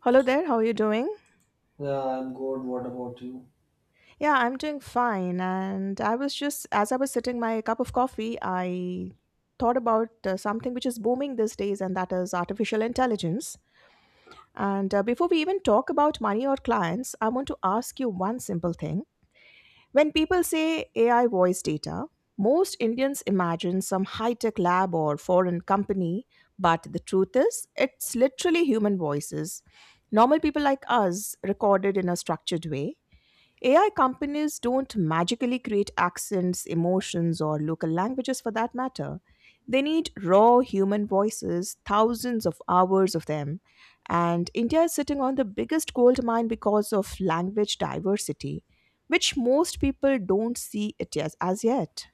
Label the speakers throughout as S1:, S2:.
S1: Hello there, how are you doing?
S2: Yeah, I'm good. What about you?
S1: Yeah, I'm doing fine. And I was just, as I was sitting my cup of coffee, I thought about something which is booming these days, and that is artificial intelligence. And before we even talk about money or clients, I want to ask you one simple thing. When people say AI voice data, most Indians imagine some high tech lab or foreign company, but the truth is, it's literally human voices. Normal people like us recorded in a structured way. AI companies don't magically create accents, emotions, or local languages for that matter. They need raw human voices, thousands of hours of them. And India is sitting on the biggest gold mine because of language diversity, which most people don't see it as yet.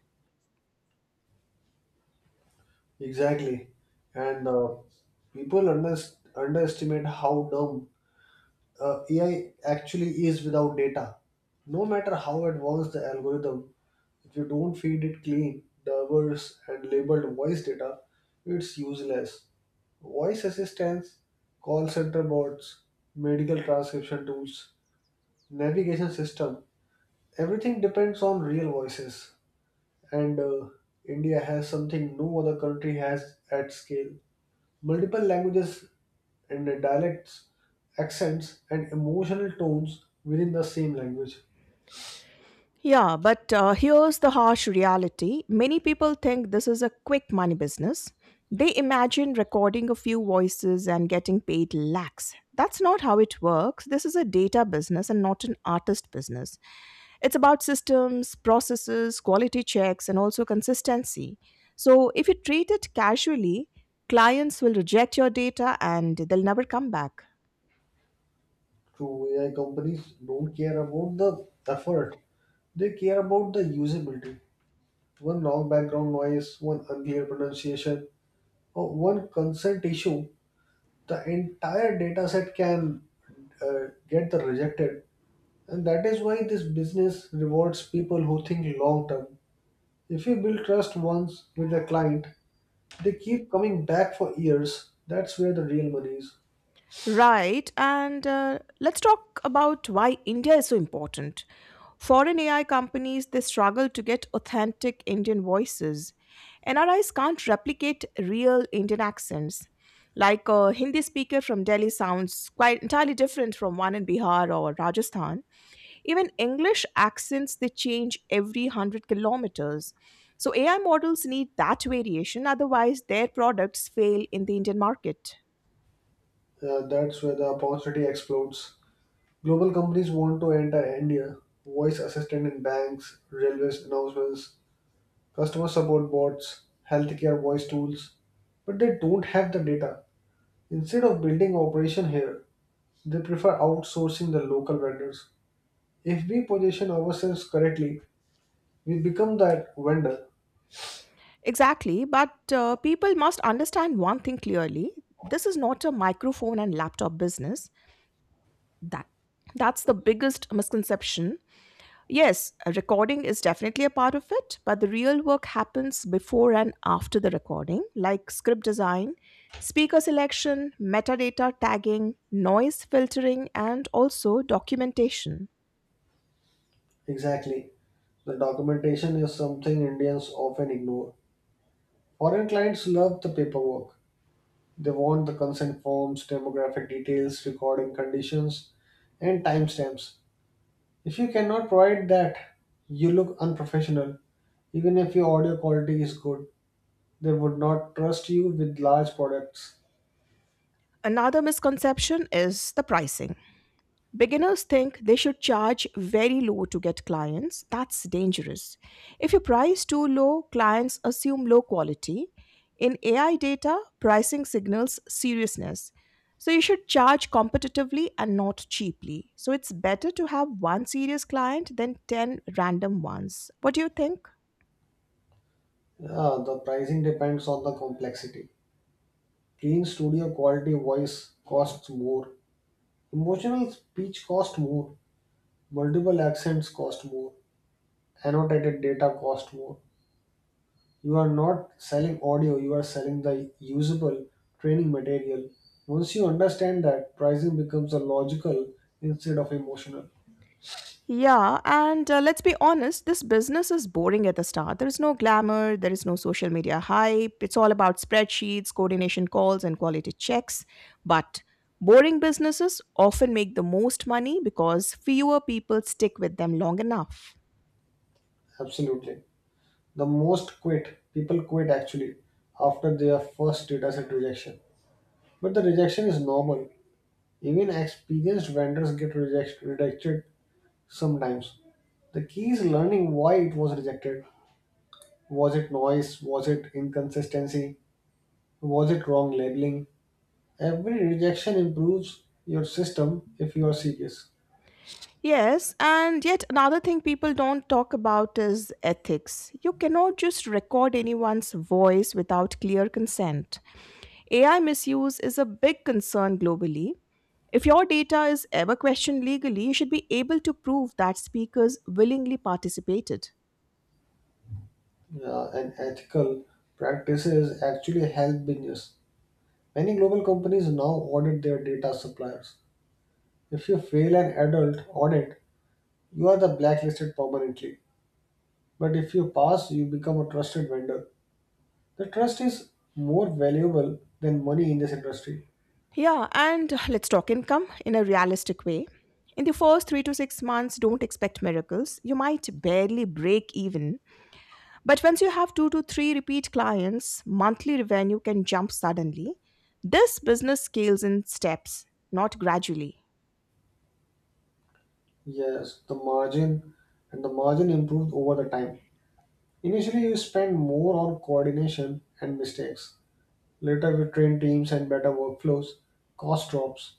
S2: Exactly. And uh, people under- underestimate how dumb AI actually is without data. No matter how advanced the algorithm, if you don't feed it clean, diverse, and labeled voice data, it's useless. Voice assistants, call center bots, medical transcription tools, navigation system, everything depends on real voices. And India has something no other country has at scale. Multiple languages and dialects, accents, and emotional tones within the same language.
S1: Yeah, but here's the harsh reality. Many people think this is a quick money business. They imagine recording a few voices and getting paid lakhs. That's not how it works. This is a data business and not an artist business. It's about systems, processes, quality checks, and also consistency. So if you treat it casually, clients will reject your data and they'll never come back.
S2: True AI companies don't care about the effort, they care about the usability. One long background noise, one unclear pronunciation, or one consent issue, the entire dataset can get the rejected. And that is why this business rewards people who think long term. If you build trust once with a client, they keep coming back for years. That's where the real money is.
S1: Right, and let's talk about why India is so important. Foreign AI companies they struggle to get authentic Indian voices. NRIs can't replicate real Indian accents. Like a Hindi speaker from Delhi sounds quite entirely different from one in Bihar or Rajasthan. Even English accents they change every 100 kilometers. So AI models need that variation otherwise their products fail in the Indian market.
S2: That's where the opportunity explodes. Global companies want to enter India. Voice assistant in banks, railways announcements, customer support bots, healthcare voice tools. But they don't have the data. Instead of building operation here, they prefer outsourcing the local vendors. If we position ourselves correctly, we become that vendor.
S1: Exactly, but people must understand one thing clearly. This is not a microphone and laptop business. That that's the biggest misconception. Yes, a recording is definitely a part of it, but the real work happens before and after the recording, like script design, speaker selection, metadata tagging, noise filtering, and also documentation.
S2: Exactly. The documentation is something Indians often ignore. Foreign clients love the paperwork. They want the consent forms, demographic details, recording conditions, and timestamps. If you cannot provide that, you look unprofessional. Even if your audio quality is good, they would not trust you with large products.
S1: Another misconception is the pricing. Beginners think they should charge very low to get clients. That's dangerous. If you price too low, clients assume low quality. In AI data, pricing signals seriousness. So you should charge competitively and not cheaply. So it's better to have one serious client than 10 random ones. What do you think?
S2: Ah, the pricing depends on the complexity. Clean studio quality voice costs more, emotional speech cost more, multiple accents cost more, annotated data cost more. You are not selling audio, you are selling the usable training material. Once you understand that, pricing becomes a logical instead of emotional.
S1: Yeah, and let's be honest, this business is boring at the start. There is no glamour, there is no social media hype. It's all about spreadsheets, coordination calls, and quality checks. But boring businesses often make the most money because fewer people stick with them long enough.
S2: Absolutely. People quit actually after their first data set rejection. But the rejection is normal. Even experienced vendors get rejected sometimes. The key is learning why it was rejected. Was it noise? Was it inconsistency? Was it wrong labeling? Every rejection improves your system if you are serious.
S1: Yes, and yet another thing people don't talk about is ethics. You cannot just record anyone's voice without clear consent. AI misuse is a big concern globally. If your data is ever questioned legally, you should be able to prove that speakers willingly participated.
S2: And ethical practices actually help business. Many global companies now audit their data suppliers. If you fail an adult audit, you are the blacklisted permanently. But if you pass, you become a trusted vendor. The trust is more valuable than money in this industry.
S1: Yeah, and let's talk income in a realistic way. In the first 3 to 6 months, don't expect miracles. You might barely break even. But once you have two to three repeat clients, monthly revenue can jump suddenly. This business scales in steps, not gradually.
S2: Yes, the margin and the margin improved over the time. Initially, you spend more on coordination and mistakes. Later, with trained teams and better workflows, cost drops.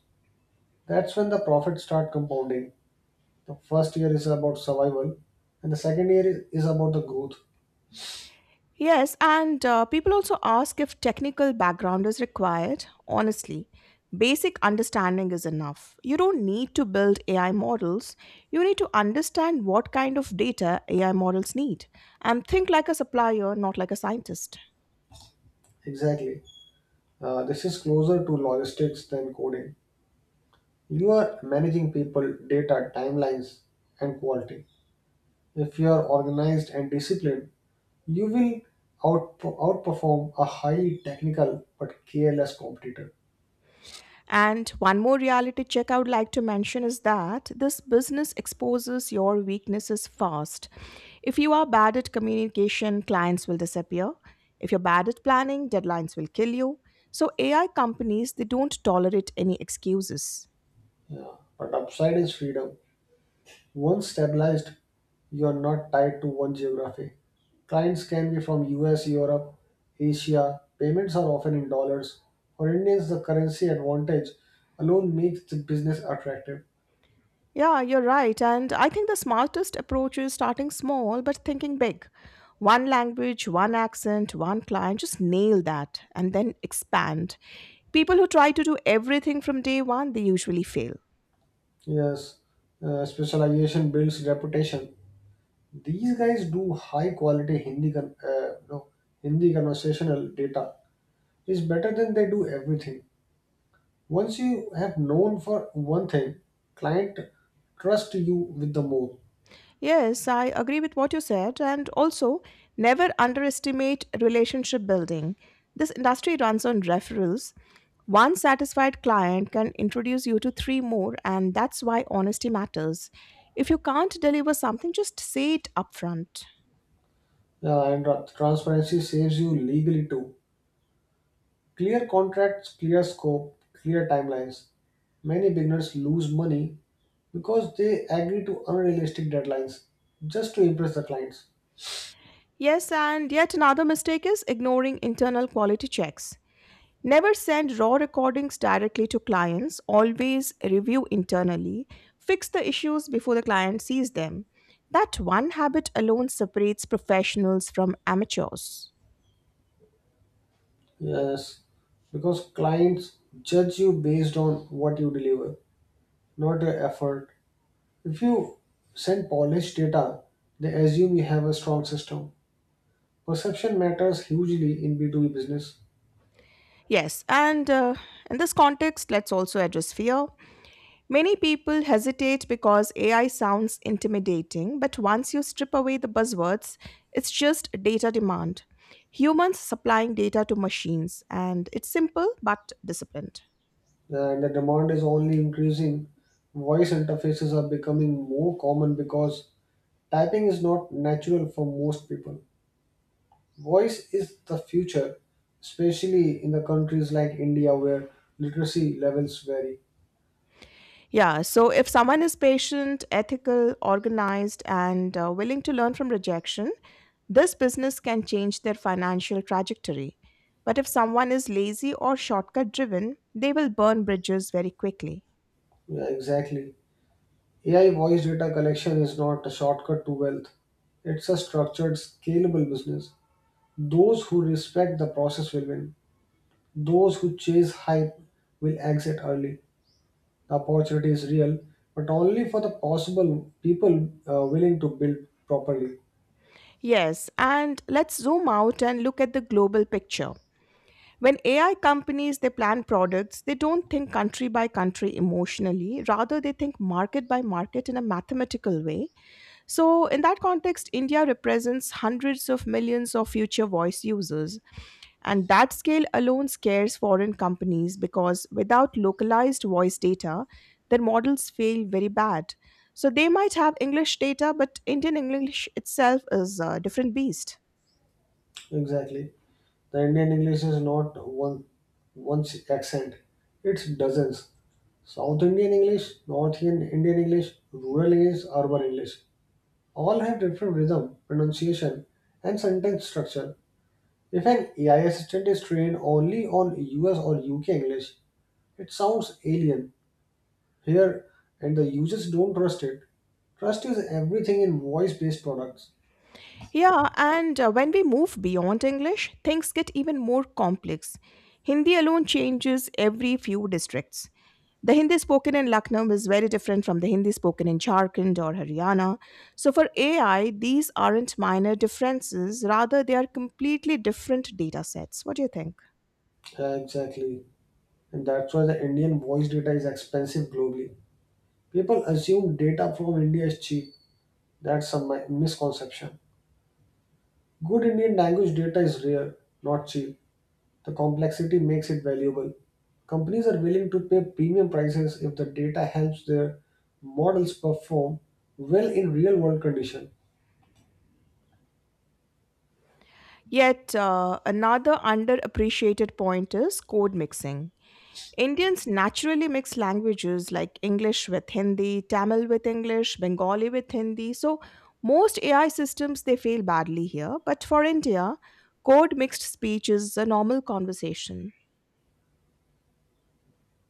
S2: That's when the profits start compounding. The first year is about survival, and the second year is about the growth.
S1: Yes, and people also ask if technical background is required. Honestly, basic understanding is enough. You don't need to build AI models. You need to understand what kind of data AI models need and think like a supplier, not like a scientist.
S2: Exactly. This is closer to logistics than coding. You are managing people, data, timelines, and quality. If you are organized and disciplined, you will out, outperform a highly technical but careless competitor.
S1: And one more reality check I would like to mention is that this business exposes your weaknesses fast. If you are bad at communication, clients will disappear. If you're bad at planning, deadlines will kill you. So AI companies, they don't tolerate any excuses.
S2: Yeah. But upside is freedom. Once stabilized, you are not tied to one geography. Clients can be from US, Europe, Asia. Payments are often in dollars. For Indians, the currency advantage alone makes the business attractive.
S1: Yeah, you're right. And I think the smartest approach is starting small but thinking big. One language, one accent, one client, just nail that and then expand. People who try to do everything from day one, they usually fail.
S2: Yes, specialization builds reputation. These guys do high quality Hindi, con- no, Hindi conversational data. It's better than they do everything. Once you have known for one thing, client trust you with the more.
S1: Yes, I agree with what you said. And also, never underestimate relationship building. This industry runs on referrals. One satisfied client can introduce you to three more, and that's why honesty matters. If you can't deliver something, just say it upfront.
S2: Transparency saves you legally too. Clear contracts, clear scope, clear timelines. Many beginners lose money because they agree to unrealistic deadlines just to impress the clients.
S1: Yes, and yet another mistake is ignoring internal quality checks. Never send raw recordings directly to clients, always review internally, fix the issues before the client sees them. That one habit alone separates professionals from amateurs.
S2: Yes, because clients judge you based on what you deliver, not your effort. If you send polished data, they assume you have a strong system. Perception matters hugely in B2B business,
S1: Yes, and in this context, let's also address fear. Many people hesitate because AI sounds intimidating, but once you strip away the buzzwords, it's just data demand. Humans supplying data to machines, and it's simple but disciplined.
S2: and the demand is only increasing. Voice interfaces are becoming more common because typing is not natural for most people. Voice is the future, especially in the countries like India where literacy levels vary.
S1: Yeah, so if someone is patient, ethical, organized, and willing to learn from rejection, this business can change their financial trajectory. But if someone is lazy or shortcut driven, they will burn bridges very quickly.
S2: Yeah, exactly. AI voice data collection is not a shortcut to wealth. It's a structured, scalable business. Those who respect the process will win. Those who chase hype will exit early. The opportunity is real, but only for the possible people willing to build properly.
S1: Yes, and let's zoom out and look at the global picture. When AI companies they plan products, they don't think country by country emotionally, rather they think market by market in a mathematical way. So in that context, India represents hundreds of millions of future voice users, and that scale alone scares foreign companies because without localized voice data, their models fail very bad. So they might have English data, but Indian English itself is a different beast.
S2: Exactly. The Indian English is not one accent; it's dozens. South Indian English, North Indian Indian English, rural English, urban English all have different rhythm, pronunciation, and sentence structure. If an AI assistant is trained only on US or UK English, it sounds alien. Here, and the users don't trust it. Trust is everything in voice based products.
S1: Yeah, and when we move beyond English, things get even more complex. Hindi alone changes every few districts. The Hindi spoken in Lucknow is very different from the Hindi spoken in Jharkhand or Haryana. So for AI, these aren't minor differences, rather, they are completely different data sets. What do you think?
S2: Yeah, exactly. And that's why the Indian voice data is expensive globally. People assume data from India is cheap. That's a misconception. Good Indian language data is rare, not cheap. The complexity makes it valuable. Companies are willing to pay premium prices if the data helps their models perform well in real world conditions.
S1: Yet, another underappreciated point is code mixing. Indians naturally mix languages like English with Hindi, Tamil with English, Bengali with Hindi. So most AI systems they fail badly here, but for India, code mixed speech is a normal conversation.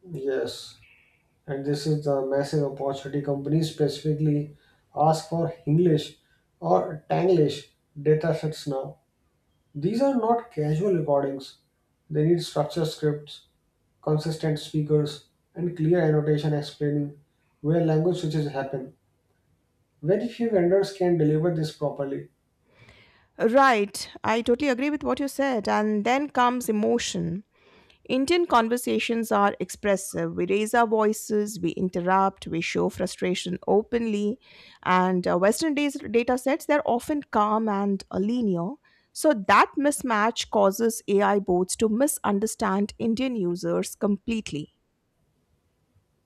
S2: Yes, and this is the massive opportunity companies specifically ask for English or Tanglish datasets now. These are not casual recordings. They need structured scripts, consistent speakers, and clear annotation explaining where language switches happen. Very few vendors can deliver this properly.
S1: Right, I totally agree with what you said. And then comes emotion. Indian conversations are expressive. We raise our voices, we interrupt, we show frustration openly. And Western days, data sets, they're often calm and linear. So that mismatch causes AI bots to misunderstand Indian users completely.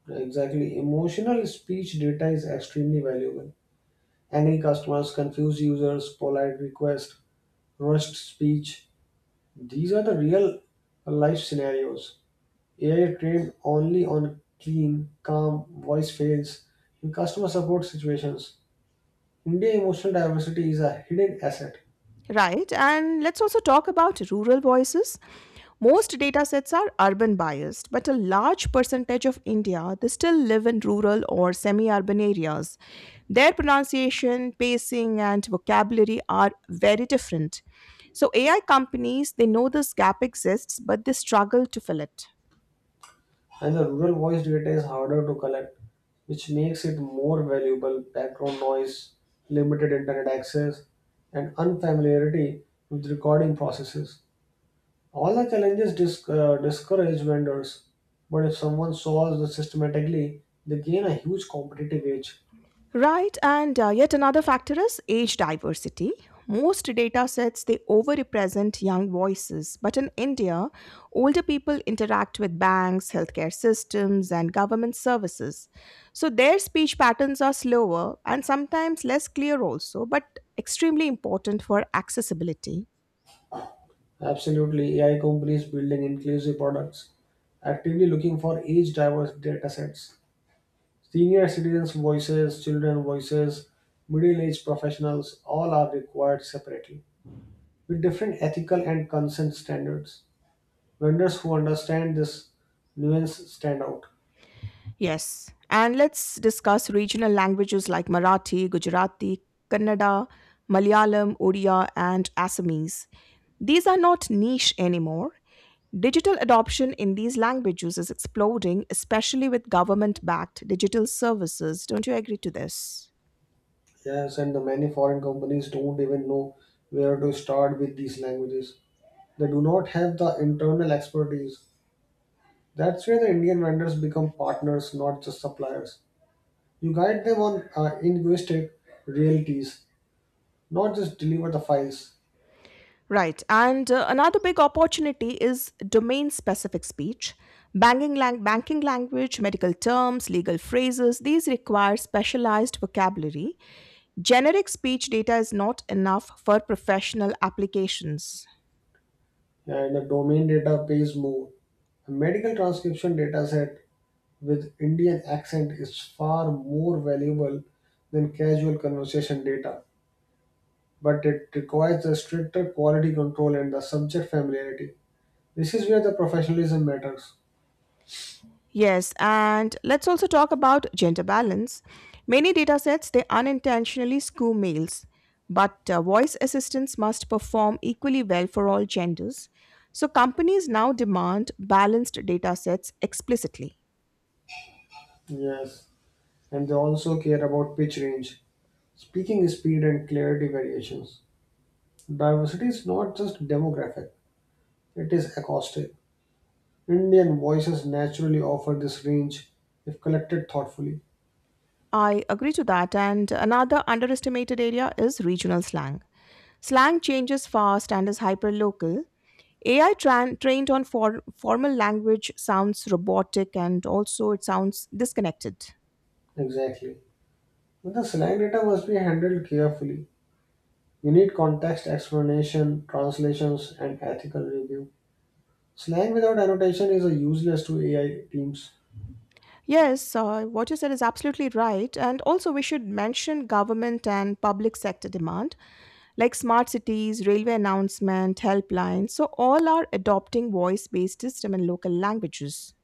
S2: Exactly. Emotional speech data is extremely valuable. Angry customers, confused users, polite requests, rushed speech, these are the real life scenarios. AI trained only on clean, calm voice fails in customer support situations. India emotional diversity is a hidden asset,
S1: Right, and let's also talk about rural voices. Most datasets are urban biased, but a large percentage of India they still live in rural or semi urban areas. Their pronunciation, pacing, and vocabulary are very different. So, AI companies they know this gap exists, but they struggle to fill it.
S2: and the rural voice data is harder to collect, which makes it more valuable. Background noise, limited internet access, and unfamiliarity with recording processes. All the challenges discourage vendors, but if someone solves them systematically, they gain a huge competitive edge.
S1: Right, and yet another factor is age diversity. Most data sets they overrepresent young voices, but in India, older people interact with banks, healthcare systems, and government services. So their speech patterns are slower and sometimes less clear also, but extremely important for accessibility.
S2: Absolutely, AI companies building inclusive products, actively looking for age diverse data sets. Senior citizens' voices, children voices, middle aged professionals, all are required separately with different ethical and consent standards. Vendors who understand this nuance stand out.
S1: Yes, and let's discuss regional languages like Marathi, Gujarati, Kannada, Malayalam, Odia, and Assamese. These are not niche anymore. Digital adoption in these languages is exploding, especially with government backed digital services. Don't you agree to this?
S2: Yes, and the many foreign companies don't even know where to start with these languages. They do not have the internal expertise. That's where the Indian vendors become partners, not just suppliers. You guide them on linguistic realities, not just deliver the files.
S1: Right. And another big opportunity is domain specific speech. Banking, banking language, medical terms, legal phrases, these require specialized vocabulary. Generic speech data is not enough for professional applications.
S2: And the domain data pays more. A medical transcription dataset with Indian accent is far more valuable than casual conversation data, but it requires a stricter quality control and the subject familiarity. This is where the professionalism matters.
S1: Yes, and let's also talk about gender balance. Many datasets they unintentionally skew males, but voice assistants must perform equally well for all genders. So companies now demand balanced datasets explicitly.
S2: Yes, and they also care about pitch range, speaking speed, and clarity variations. Diversity is not just demographic. It is acoustic. Indian voices naturally offer this range if collected thoughtfully.
S1: I agree to that, and another underestimated area is regional slang. Slang changes fast and is hyperlocal. AI tran trained on formal language sounds robotic and also it sounds disconnected.
S2: Exactly. But the slang data must be handled carefully. You need context, explanation, translations, and ethical review. Slang without annotation is a useless to AI teams.
S1: Yes, what you said is absolutely right. And also, we should mention government and public sector demand, like smart cities, railway announcement, helplines. So, all are adopting voice based system in local languages.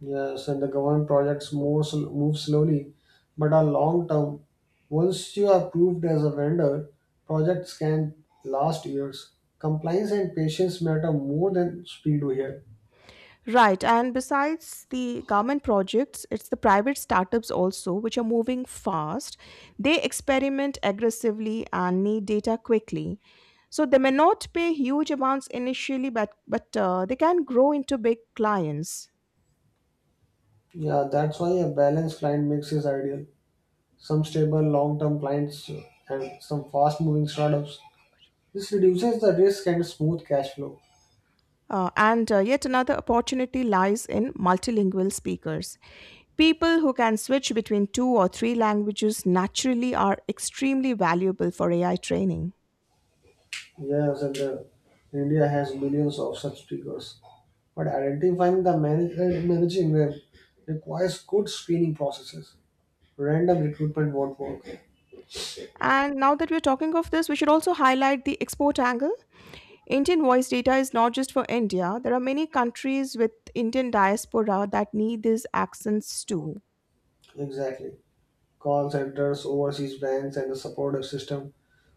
S2: Yes, and the government projects move slowly, but are long term. Once you are approved as a vendor, projects can last years. Compliance and patience matter more than speed here.
S1: Right, and besides the government projects, it's the private startups also which are moving fast. They experiment aggressively and need data quickly. So they may not pay huge amounts initially, but they can grow into big clients.
S2: Yeah, that's why a balanced client mix is ideal. Some stable long-term clients and some fast-moving startups. This reduces the risk and smooth cash flow.
S1: And yet another opportunity lies in multilingual speakers. People who can switch between two or three languages naturally are extremely valuable for AI training.
S2: Yes, and India has millions of such figures. But identifying the managing them requires good screening processes. Random recruitment won't work.
S1: And now that we're talking of this, we should also highlight the export angle. Indian voice data is not just for India, there are many countries with Indian diaspora that need these accents too.
S2: Exactly. Call centers, overseas banks, and the supportive system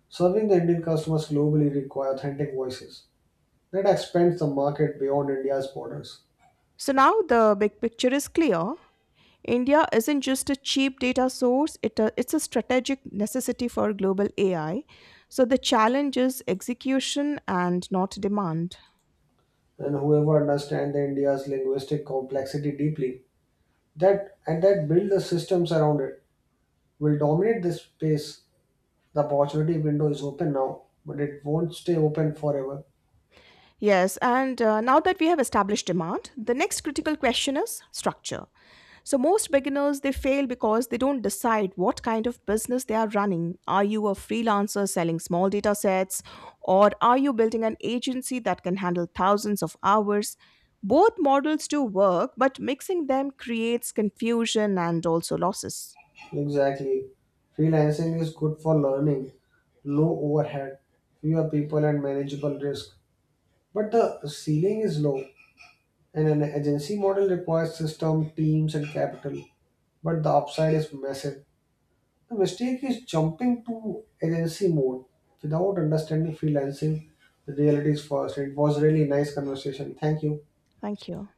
S2: serving the Indian customers globally require authentic voices. That expands the market beyond India's borders.
S1: So now the big picture is clear. India isn't just a cheap data source, it's a strategic necessity for global AI. So the challenge is execution and not demand.
S2: And whoever understands the India's linguistic complexity deeply, that and that build the systems around it, will dominate this space. The opportunity window is open now, but it won't stay open forever.
S1: Yes, and now that we have established demand, the next critical question is structure. So most beginners they fail because they don't decide what kind of business they are running. Are you a freelancer selling small data sets or are you building an agency that can handle thousands of hours? Both models do work, but mixing them creates confusion and also losses.
S2: Exactly. Freelancing is good for learning, low overhead, fewer people and manageable risk. But the ceiling is low, and an agency model requires system, teams, and capital. But the upside is massive. The mistake is jumping to agency mode without understanding freelancing realities first. It was really nice conversation. Thank you.
S1: Thank you.